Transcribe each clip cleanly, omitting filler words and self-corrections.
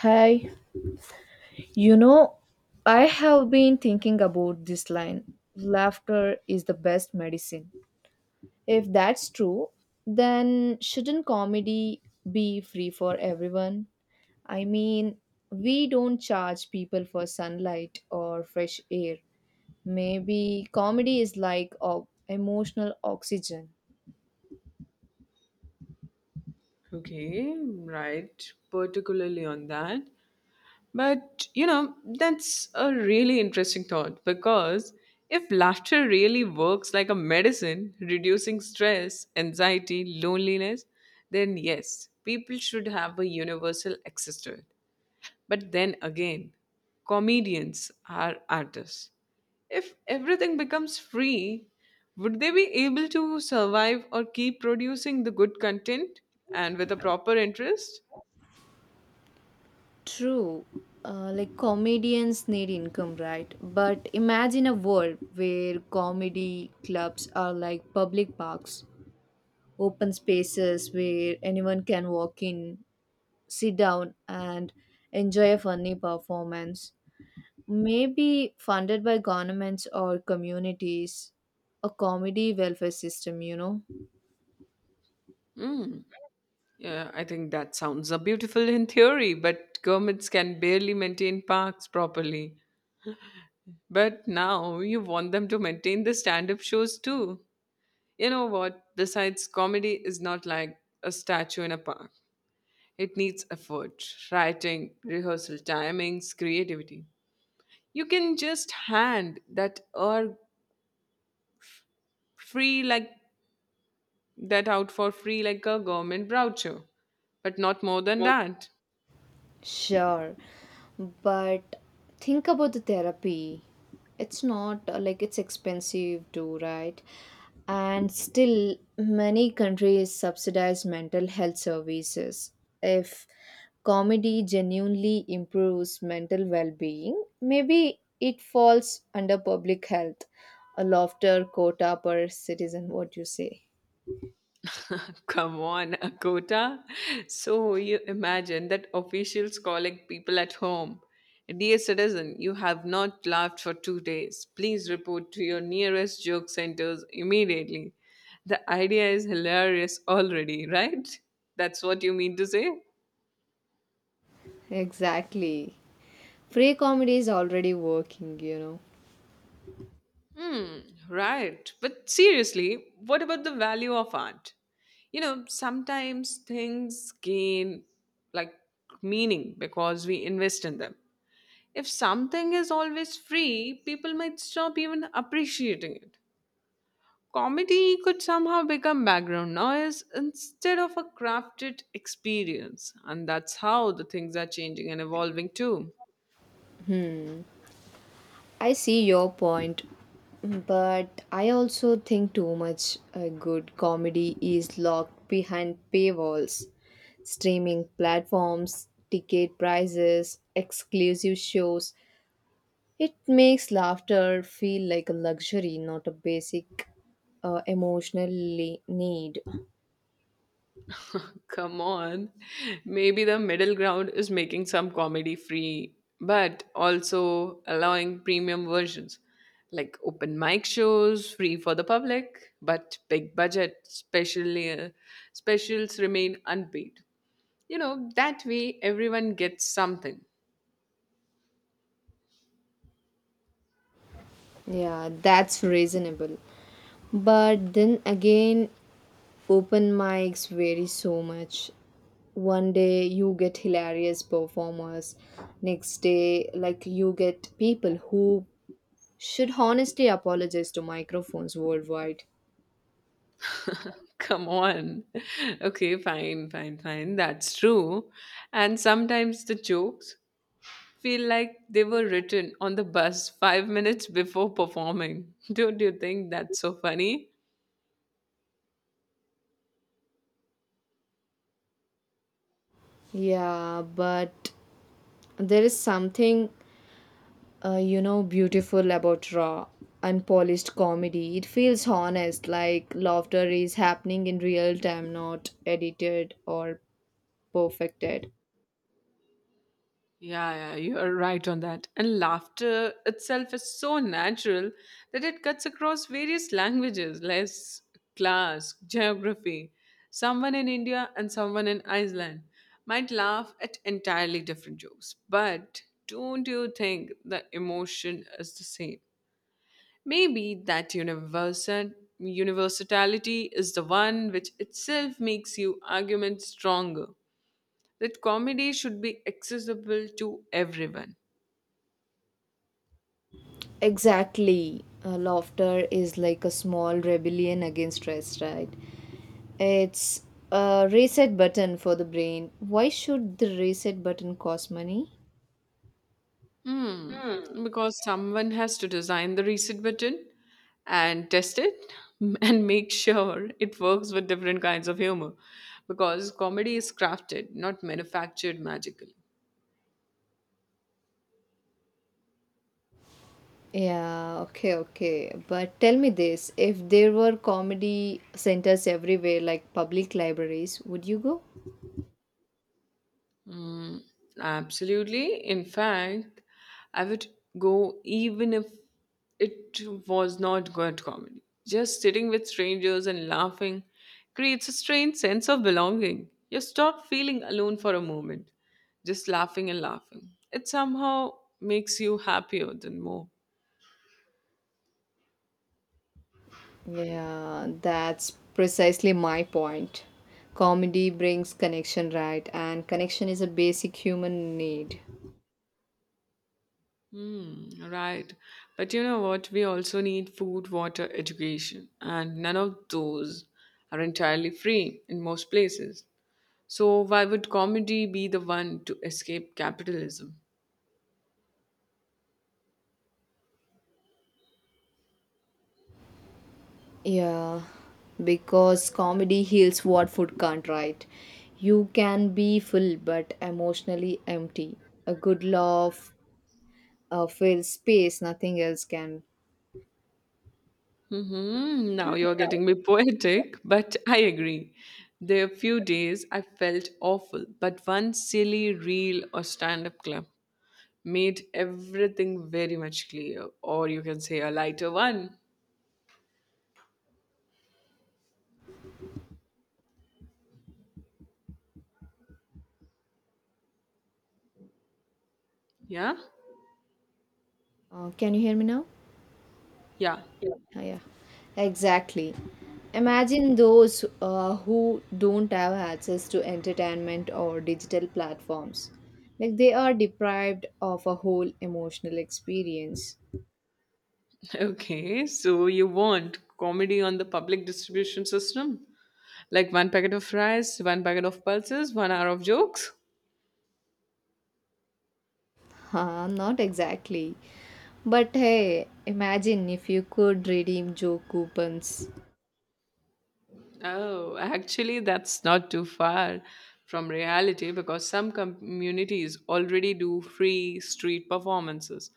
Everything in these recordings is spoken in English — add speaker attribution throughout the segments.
Speaker 1: Hi, you know, I have been thinking about this line, laughter is the best medicine. If that's true, then shouldn't comedy be free for everyone? I mean, we don't charge people for sunlight or fresh air. Maybe comedy is like emotional oxygen.
Speaker 2: Okay, right, particularly on that. But you know, that's a really interesting thought because if laughter really works like a medicine, reducing stress, anxiety, loneliness, then yes, people should have a universal access to it. But then again, comedians are artists. If everything becomes free, would they be able to survive or keep producing the good content and with a proper interest?
Speaker 1: True, like comedians need income, right? But imagine a world where comedy clubs are like public parks, open spaces where anyone can walk in, sit down, and enjoy a funny performance. Maybe funded by governments or communities, a comedy welfare system, you know?
Speaker 2: Hmm. Yeah, I think that sounds a beautiful in theory, but governments can barely maintain parks properly. But now you want them to maintain the stand up shows too. You know what? Besides, comedy is not like a statue in a park. It needs effort, writing, rehearsal timings, creativity. You can just hand that or free like that out for free like a government brochure, but not more than that.
Speaker 1: Sure, but think about the therapy. It's not like it's expensive too, right? And still, many countries subsidize mental health services. If comedy genuinely improves mental well being, maybe it falls under public health, a laughter quota per citizen, what you say.
Speaker 2: Come on, a quota. So you imagine that officials calling people at home. Dear citizen, you have not laughed for 2 days. Please report to your nearest joke centers immediately. The idea is hilarious already, right? That's what you mean to say?
Speaker 1: Exactly. Free comedy is already working, you know.
Speaker 2: Hmm, right. But seriously, what about the value of art? You know, sometimes things gain like meaning because we invest in them. If something is always free, people might stop even appreciating it. Comedy could somehow become background noise instead of a crafted experience, and that's how the things are changing and evolving too.
Speaker 1: I see your point, but I also think too much good comedy is locked behind paywalls, streaming platforms, ticket prices, exclusive shows. It makes laughter feel like a luxury, not a basic need.
Speaker 2: Come on, maybe the middle ground is making some comedy free, but also allowing premium versions like open mic shows free for the public, but big budget, especially specials remain unpaid. You know, that way everyone gets something.
Speaker 1: Yeah, that's reasonable. But then again, open mics vary so much. One day you get hilarious performers, next day, like, you get people who should honestly apologize to microphones worldwide.
Speaker 2: Come on. Okay, fine, fine, fine. That's true. And sometimes the jokes feel like they were written on the bus 5 minutes before performing. Don't you think that's so funny?
Speaker 1: Yeah, but there is something, beautiful about raw, unpolished comedy. It feels honest, like laughter is happening in real time, not edited or perfected.
Speaker 2: Yeah, yeah, you're right on that. And laughter itself is so natural that it cuts across various languages, like class, geography. Someone in India and someone in Iceland might laugh at entirely different jokes, but don't you think the emotion is the same? Maybe that universality is the one which itself makes your argument stronger. That comedy should be accessible to everyone.
Speaker 1: Exactly. Laughter is like a small rebellion against stress, right? It's a reset button for the brain. Why should the reset button cost money?
Speaker 2: Hmm. Because someone has to design the reset button and test it and make sure it works with different kinds of humor. Because comedy is crafted, not manufactured magically.
Speaker 1: Yeah, okay, okay. But tell me this, if there were comedy centers everywhere, like public libraries, would you go?
Speaker 2: Mm, absolutely. In fact, I would go even if it was not good comedy. Just sitting with strangers and laughing creates a strange sense of belonging. You stop feeling alone for a moment, just laughing and laughing. It somehow makes you happier than more.
Speaker 1: Yeah, that's precisely my point. Comedy brings connection, right? And connection is a basic human need.
Speaker 2: Hmm, right. But you know what? We also need food, water, education, and none of those are entirely free in most places. So why would comedy be the one to escape capitalism?
Speaker 1: Yeah, because comedy heals what food can't, right? You can be full but emotionally empty. A good laugh fills space, nothing else can.
Speaker 2: Now you're getting me poetic, but I agree. There are few days I felt awful, but one silly reel or stand-up clip made everything very much clear, or you can say a lighter one. Yeah?
Speaker 1: Can you hear me now?
Speaker 2: Yeah.
Speaker 1: Ah, yeah, exactly. Imagine those who don't have access to entertainment or digital platforms. Like they are deprived of a whole emotional experience.
Speaker 2: Okay, so you want comedy on the public distribution system? Like one packet of fries, one packet of pulses, 1 hour of jokes?
Speaker 1: Huh, not exactly. But hey, imagine if you could redeem joke coupons,
Speaker 2: Oh, actually, that's not too far from reality because some communities already do free street performances,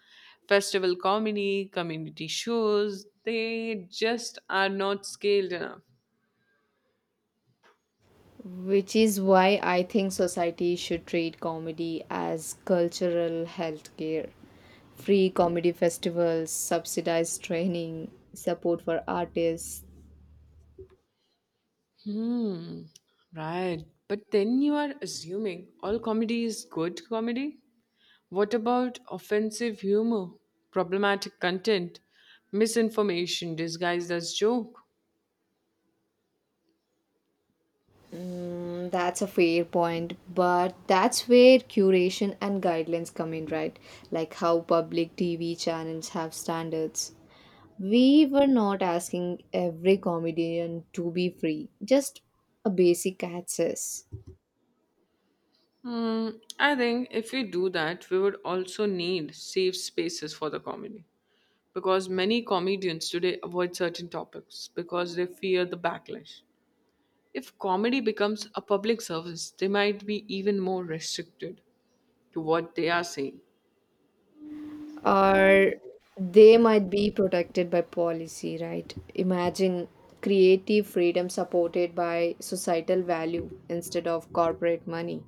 Speaker 2: festival comedy, community shows. They just are not scaled enough.
Speaker 1: which is why I think society should treat comedy as cultural healthcare. Free comedy festivals, subsidized training, support for artists.
Speaker 2: Hmm, right. But then you are assuming all comedy is good comedy? What about offensive humor, problematic content, misinformation disguised as joke?
Speaker 1: Mm, that's a fair point, but that's where curation and guidelines come in, right? Like how public TV channels have standards. We were not asking every comedian to be free, just a basic access.
Speaker 2: Hmm, I think if we do that, we would also need safe spaces for the comedy because many comedians today avoid certain topics because they fear the backlash. If comedy becomes a public service, they might be even more restricted to what they are saying.
Speaker 1: Or they might be protected by policy, right? Imagine creative freedom supported by societal value instead of corporate money.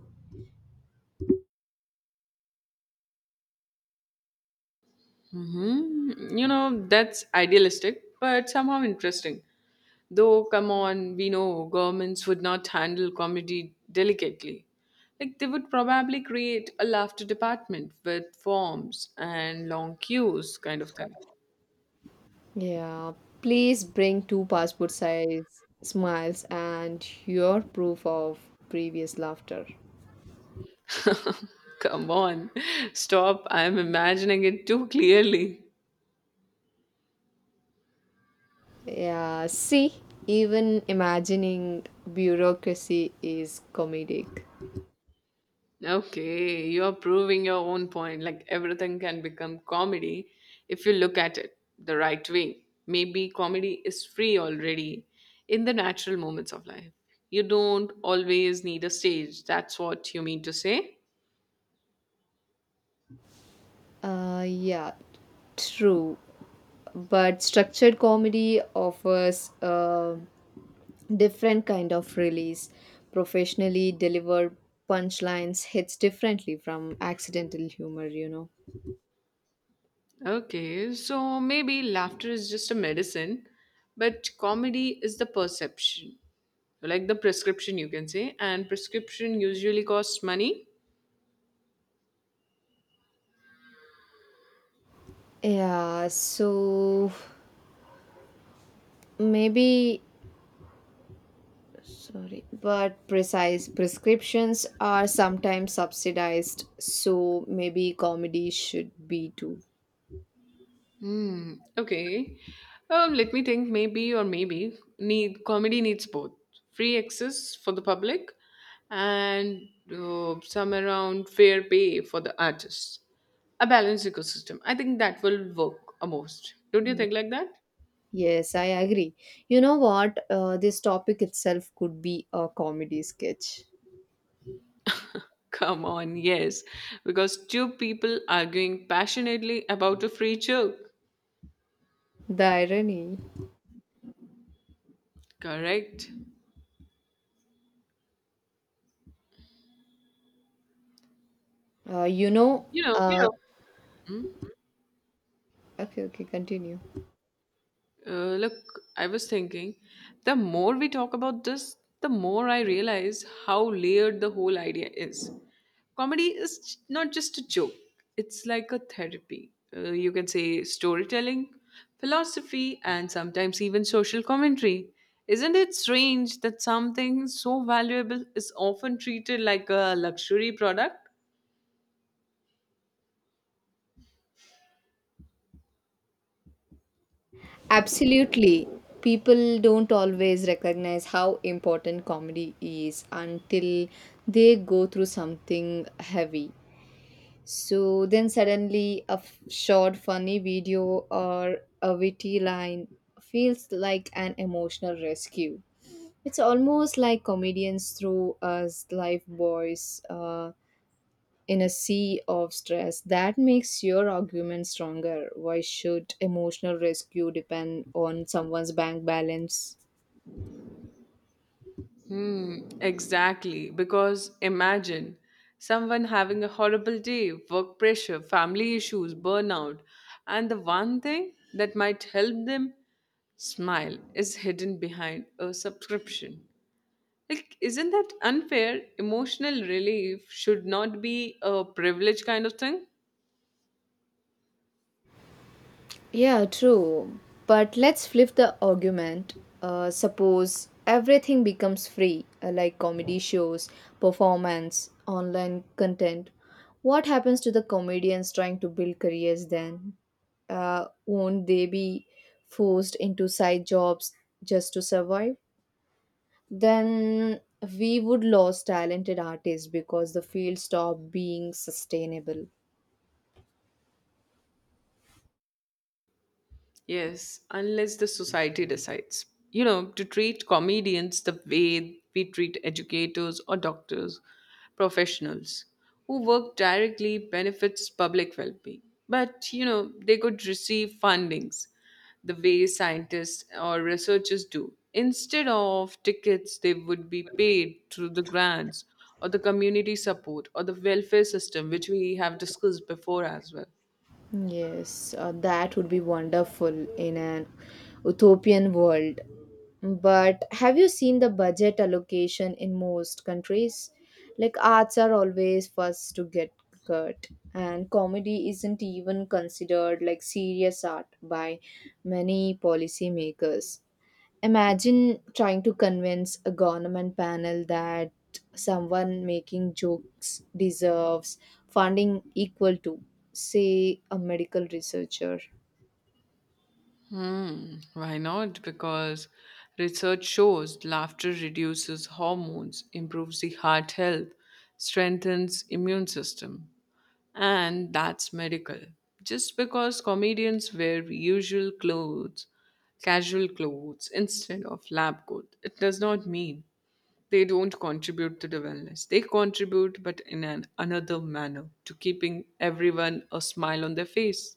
Speaker 2: hmm You know, that's idealistic, but somehow interesting. Though, come on, we know governments would not handle comedy delicately. Like, they would probably create a laughter department with forms and long queues, kind of thing.
Speaker 1: Yeah, please bring two passport size smiles and your proof of previous laughter.
Speaker 2: Come on, stop. I'm imagining it too clearly.
Speaker 1: Yeah, see, even imagining bureaucracy is comedic.
Speaker 2: Okay, you're proving your own point. Like everything can become comedy if you look at it the right way. Maybe comedy is free already in the natural moments of life. You don't always need a stage. That's what you mean to say?
Speaker 1: Yeah, true. But structured comedy offers a different kind of release. Professionally delivered punchlines hits differently from accidental humor, you know.
Speaker 2: Okay, so maybe laughter is just a medicine, but comedy is the perception, like the prescription, you can say. And prescription usually costs money.
Speaker 1: Yeah, so maybe, sorry, but precise prescriptions are sometimes subsidized, so maybe comedy should be too.
Speaker 2: Hmm. Okay. Let me think. Maybe or maybe need comedy needs both free access for the public and some around fair pay for the artists. A balanced ecosystem. I think that will work a most. Don't you
Speaker 1: Ye-
Speaker 2: think like that?
Speaker 1: Yes, I agree. You know what? This topic itself could be a comedy sketch.
Speaker 2: Come on, yes, because two people arguing passionately about a free joke.
Speaker 1: The irony.
Speaker 2: Correct.
Speaker 1: Uh, you know,
Speaker 2: You know,
Speaker 1: Yeah, okay, okay, continue.
Speaker 2: look, I was thinking, the more we talk about this, the more I realize how layered the whole idea is. Comedy is not just a joke, it's like a therapy. You can say storytelling, philosophy, and sometimes even social commentary. Isn't it strange that something so valuable is often treated like a luxury product?
Speaker 1: Absolutely. People don't always recognize how important comedy is until they go through something heavy. So then suddenly a short funny video or a witty line feels like an emotional rescue. It's almost like comedians throw us life boys in a sea of stress. That makes your argument stronger. Why should emotional rescue depend on someone's bank balance?
Speaker 2: Hmm, exactly. Because imagine someone having a horrible day, work pressure, family issues, burnout, and the one thing that might help them smile is hidden behind a subscription. Like, isn't that unfair? Emotional relief should not be a privilege kind of thing.
Speaker 1: Yeah, true. But let's flip the argument. Suppose everything becomes free, like comedy shows, performance, online content. What happens to the comedians trying to build careers then? Won't they be forced into side jobs just to survive? Then we would lose talented artists because the field stopped being sustainable.
Speaker 2: Yes, unless the society decides, you know, to treat comedians the way we treat educators or doctors, professionals who work directly benefits public well being. But, you know, they could receive fundings the way scientists or researchers do. Instead of tickets, they would be paid through the grants or the community support or the welfare system, which we have discussed before as well.
Speaker 1: Yes, that would be wonderful in an utopian world. But have you seen the budget allocation in most countries? Like arts are always first to get cut, and comedy isn't even considered like serious art by many policymakers. Imagine trying to convince a government panel that someone making jokes deserves funding equal to, say, a medical researcher.
Speaker 2: Hmm, why not? Because research shows laughter reduces hormones, improves the heart health, strengthens immune system. And that's medical. Just because comedians wear usual clothes, casual clothes instead of lab coat, it does not mean they don't contribute to the wellness. They contribute but in an another manner to keeping everyone a smile on their face.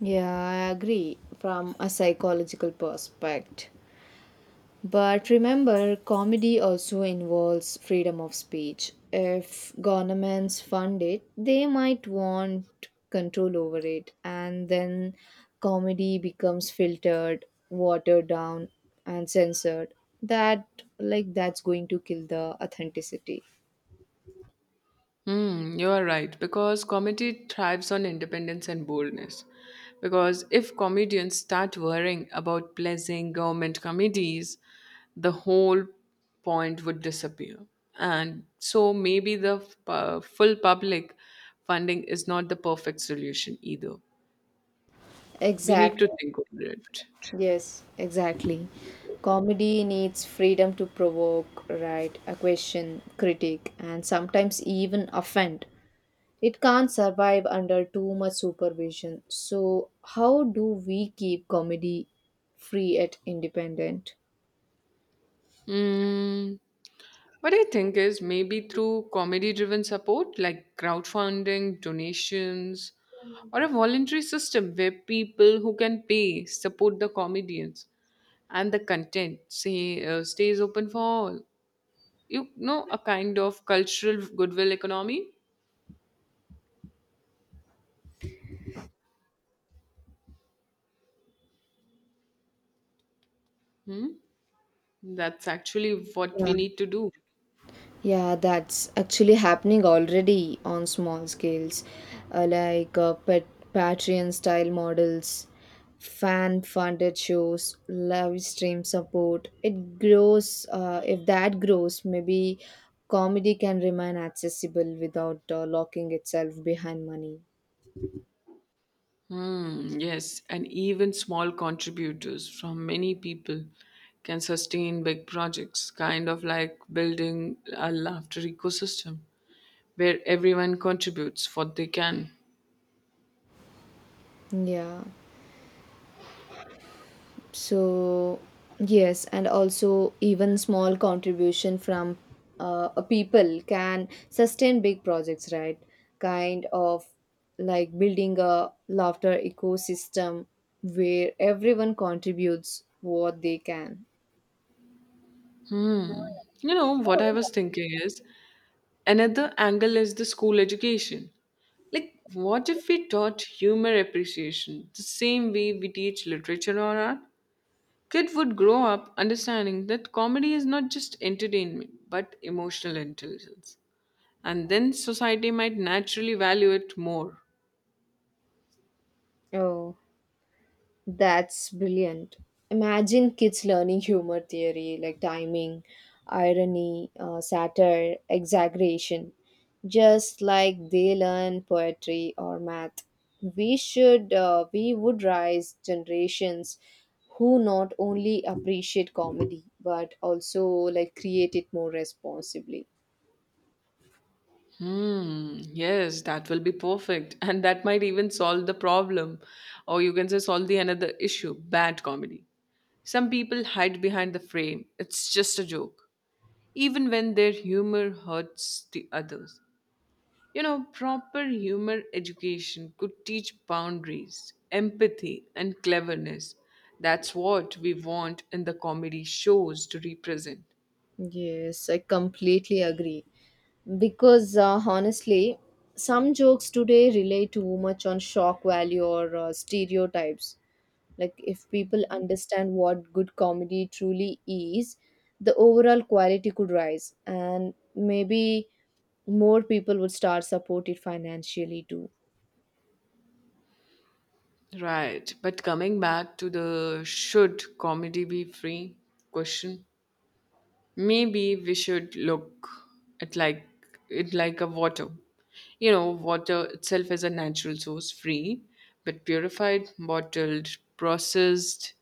Speaker 1: Yeah, I agree. From a psychological perspective, but remember, comedy also involves freedom of speech. If governments fund it, they might want control over it, and then comedy becomes filtered, watered down, and censored. That, like, that's going to kill the authenticity.
Speaker 2: Hmm, you are right because comedy thrives on independence and boldness. Because if comedians start worrying about pleasing government committees, the whole point would disappear. And so maybe the full public funding is not the perfect solution either. We need to
Speaker 1: Exactly.
Speaker 2: think over it.
Speaker 1: Yes, exactly. Comedy needs freedom to provoke, right, a question, critique, and sometimes even offend. It can't survive under too much supervision. So, how do we keep comedy free at independent?
Speaker 2: Hmm. What I think is maybe through comedy driven support like crowdfunding, donations, or a voluntary system where people who can pay support the comedians and the content say, stays open for all. You know, a kind of cultural goodwill economy. Hmm? That's actually what we
Speaker 1: Yeah,
Speaker 2: need to do.
Speaker 1: yeah, that's actually happening already on small scales, like pet Patreon style models, fan funded shows, live stream support. It grows. If that grows, maybe comedy can remain accessible without locking itself behind money.
Speaker 2: Hmm, yes, and even small contributors from many people can sustain big projects, kind of like building a laughter ecosystem where everyone contributes what they can.
Speaker 1: Yeah. So, yes, and also even small contribution from a people can sustain big projects, right? Kind of like building a laughter ecosystem where everyone contributes what they can.
Speaker 2: Hmm. You know, what I was thinking is another angle is the school education. Like, what if we taught humor appreciation the same way we teach literature or art? Kid would grow up understanding that comedy is not just entertainment but emotional intelligence. And then society might naturally value it more.
Speaker 1: Oh, that's brilliant. Imagine kids learning humor theory like timing, irony, satire, exaggeration, just like they learn poetry or math. We would raise generations who not only appreciate comedy but also like create it more responsibly.
Speaker 2: Hmm, yes, that will be perfect. And that might even solve the problem. Or you can say solve the another issue, bad comedy. Some people hide behind the frame. It's just a joke. Even when their humor hurts the others. You know, proper humor education could teach boundaries, empathy, and cleverness. That's what we want in the comedy shows to represent.
Speaker 1: Yes, I completely agree. Because honestly, some jokes today rely too much on shock value or stereotypes. Like, if people understand what good comedy truly is, the overall quality could rise, and maybe more people would start support it financially too.
Speaker 2: Right, but coming back to the should comedy be free question, maybe we should look at like it like a water. You know, water itself is a natural source, free, but purified, bottled, processed,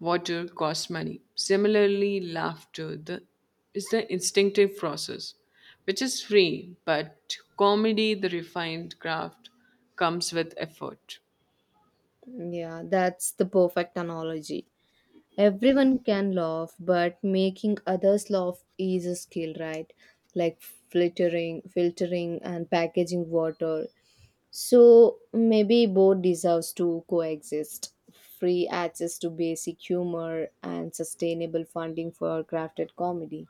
Speaker 2: water costs money. Similarly, laughter is the instinctive process, which is free, but comedy, the refined craft, comes with effort.
Speaker 1: Yeah, that's the perfect analogy. Everyone can laugh, but making others laugh is a skill, right? Like filtering, and packaging water. So maybe both deserves to coexist. Free access to basic humor and sustainable funding for crafted comedy.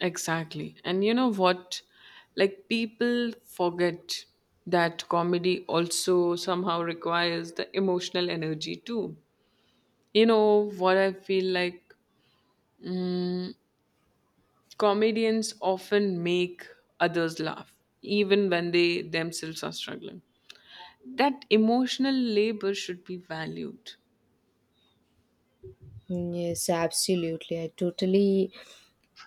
Speaker 2: Exactly. And you know what? Like people forget that comedy also somehow requires the emotional energy too. You know what I feel like? Comedians often make others laugh, even when they themselves are struggling. That emotional labor should be valued.
Speaker 1: Mm, yes, absolutely. I totally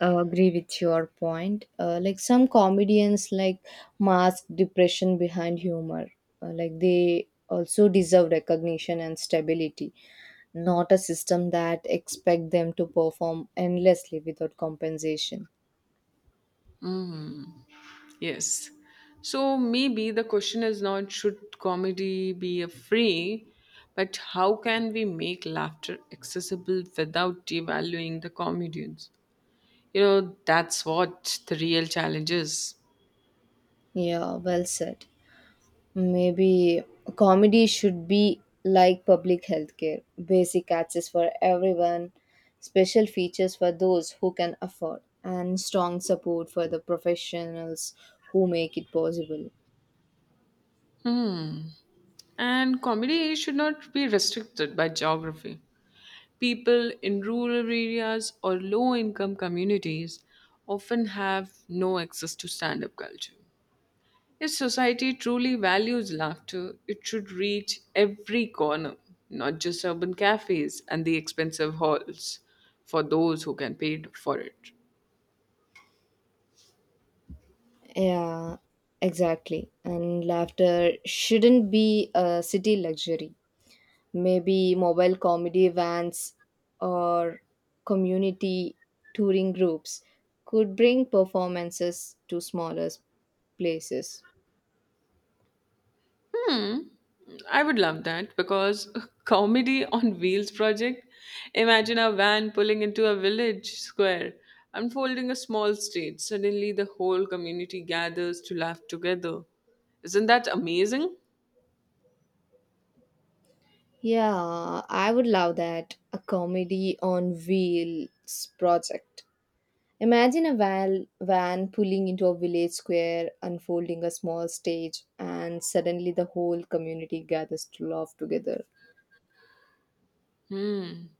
Speaker 1: agree with your point. Like some comedians like mask depression behind humor. Like they also deserve recognition and stability, not a system that expect them to perform endlessly without compensation.
Speaker 2: Yes. So maybe the question is not should comedy be a free, but how can we make laughter accessible without devaluing the comedians? You know, that's what the real challenge is.
Speaker 1: Yeah, well said. Maybe comedy should be like public healthcare basic access for everyone, special features for those who can afford, and strong support for the professionals who make it possible.
Speaker 2: And comedy should not be restricted by geography. People in rural areas or low income communities often have no access to stand up culture. If society truly values laughter, it should reach every corner, not just urban cafes and the expensive halls, for those who can pay for it.
Speaker 1: Yeah, exactly. And laughter shouldn't be a city luxury. Maybe mobile comedy vans or community touring groups could bring performances to smaller places.
Speaker 2: Hmm. I would love that because comedy on wheels project. Imagine a van pulling into a village square, unfolding a small stage. Suddenly, the whole community gathers to laugh together. Isn't that amazing?
Speaker 1: Yeah, I would love that. A comedy on wheels project. Imagine a van pulling into a village square, unfolding a small stage, and suddenly the whole community gathers to laugh together.
Speaker 2: Hmm.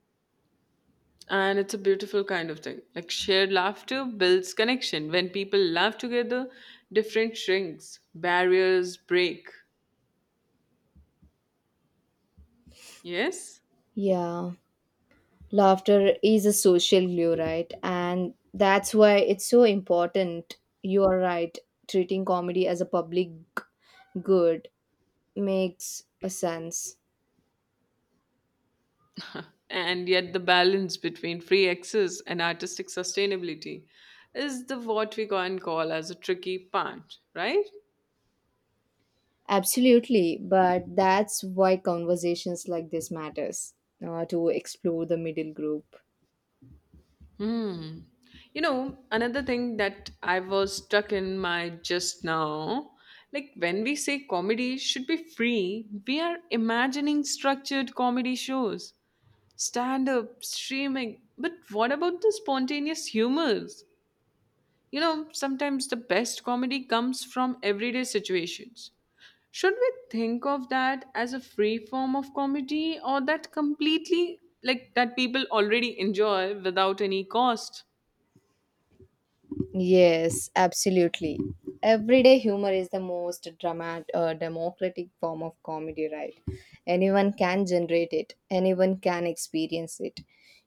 Speaker 2: And it's a beautiful kind of thing. Like shared laughter builds connection. When people laugh together, different shrinks, barriers break. Yes?
Speaker 1: Yeah, laughter is a social glue, right? And that's why it's so important. You are right. Treating comedy as a public good makes a sense.
Speaker 2: And yet the balance between free access and artistic sustainability is the what we can call as a tricky part, right?
Speaker 1: Absolutely, but that's why conversations like this matters to explore the middle group.
Speaker 2: Hmm. You know, another thing that I was stuck in my just now, like when we say comedy should be free, we are imagining structured comedy shows. Stand up, streaming. But what about the spontaneous humors? You know, sometimes the best comedy comes from everyday situations. Should we think of that as a free form of comedy or that completely like that people already enjoy without any cost?
Speaker 1: Yes, absolutely. Everyday humor is the most democratic form of comedy, right? Anyone can generate it, anyone can experience it.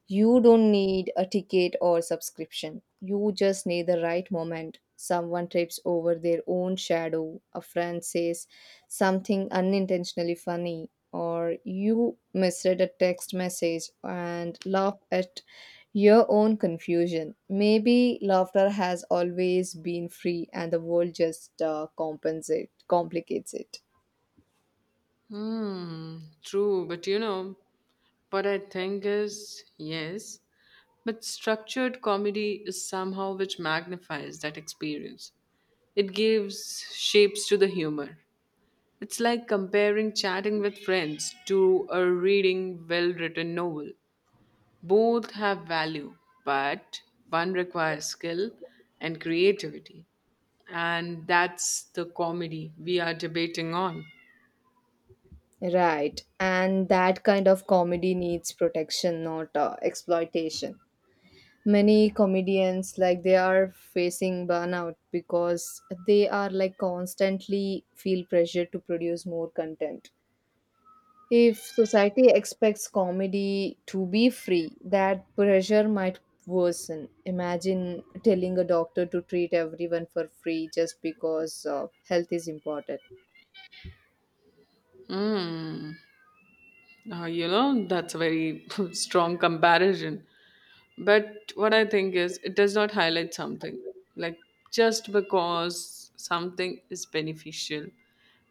Speaker 1: You don't need a ticket or subscription. You just need the right moment. Someone trips over their own shadow, a friend says something unintentionally funny, or you misread a text message and laugh at your own confusion. Maybe laughter has always been free and the world just complicates it.
Speaker 2: Hmm, true, but you know, what I think is, yes, but structured comedy is somehow which magnifies that experience. It gives shapes to the humor. It's like comparing chatting with friends to a reading well written novel. Both have value, but one requires skill and creativity. And that's the comedy we are debating on.
Speaker 1: Right, and that kind of comedy needs protection, not exploitation. Many comedians, like they are facing burnout because they are like constantly feel pressure to produce more content. If society expects comedy to be free, that pressure might worsen. Imagine telling a doctor to treat everyone for free just because health is important.
Speaker 2: Hmm. Now, you know, that's a very strong comparison. But what I think is, it does not highlight something. Like, just because something is beneficial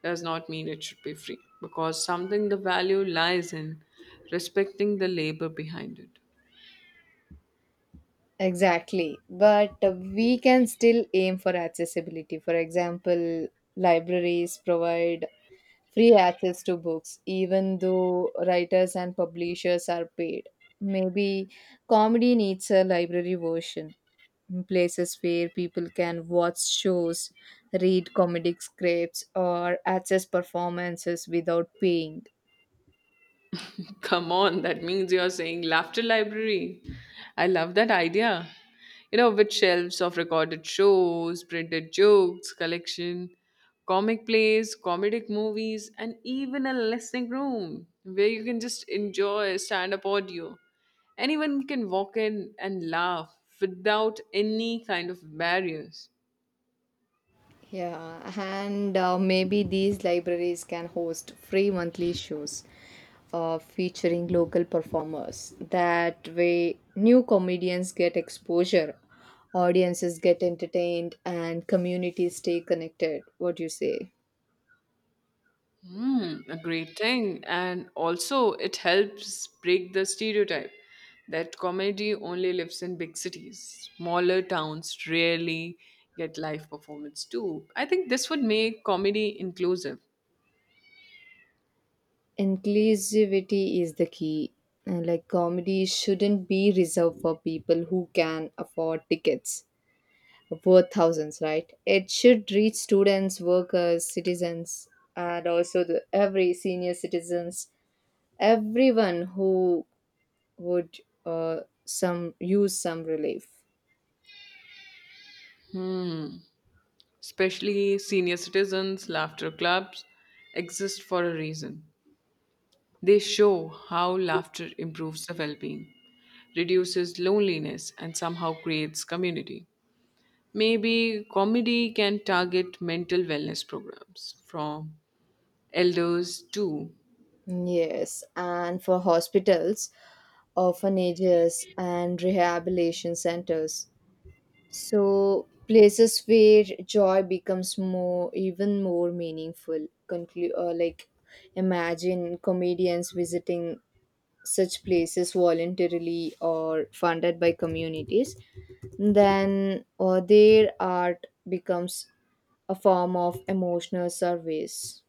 Speaker 2: does not mean it should be free, because something the value lies in respecting the labor behind it.
Speaker 1: Exactly. But we can still aim for accessibility. For example, libraries provide free access to books, even though writers and publishers are paid. Maybe comedy needs a library version, places where people can watch shows, read comedic scripts, or access performances without paying.
Speaker 2: Come on, that means you're saying laughter library. I love that idea. You know, with shelves of recorded shows, printed jokes, collection, comic plays, comedic movies, and even a listening room where you can just enjoy stand up audio. Anyone can walk in and laugh without any kind of barriers.
Speaker 1: Yeah, and maybe these libraries can host free monthly shows featuring local performers. That way, new comedians get exposure, audiences get entertained, and communities stay connected. What do you say?
Speaker 2: Mm, a great thing. And also, it helps break the stereotype that comedy only lives in big cities. Smaller towns rarely get live performance too. I think this would make comedy inclusive.
Speaker 1: Inclusivity is the key. And like comedy shouldn't be reserved for people who can afford tickets worth thousands, right? It should reach students, workers, citizens, and also the every senior citizens, everyone who would uh, some use some relief.
Speaker 2: Hmm. Especially senior citizens, laughter clubs exist for a reason. They show how laughter improves the well being, reduces loneliness, and somehow creates community. Maybe comedy can target mental wellness programs from elders too.
Speaker 1: Yes, and for hospitals, orphanages, and rehabilitation centers, so places where joy becomes more, even more meaningful. Conclude or like, imagine comedians visiting such places voluntarily or funded by communities. Then, their art becomes a form of emotional service.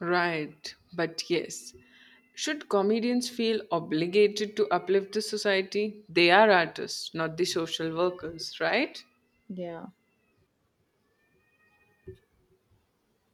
Speaker 2: Right, but yes. Should comedians feel obligated to uplift the society? They are artists, not the social workers, right?
Speaker 1: Yeah.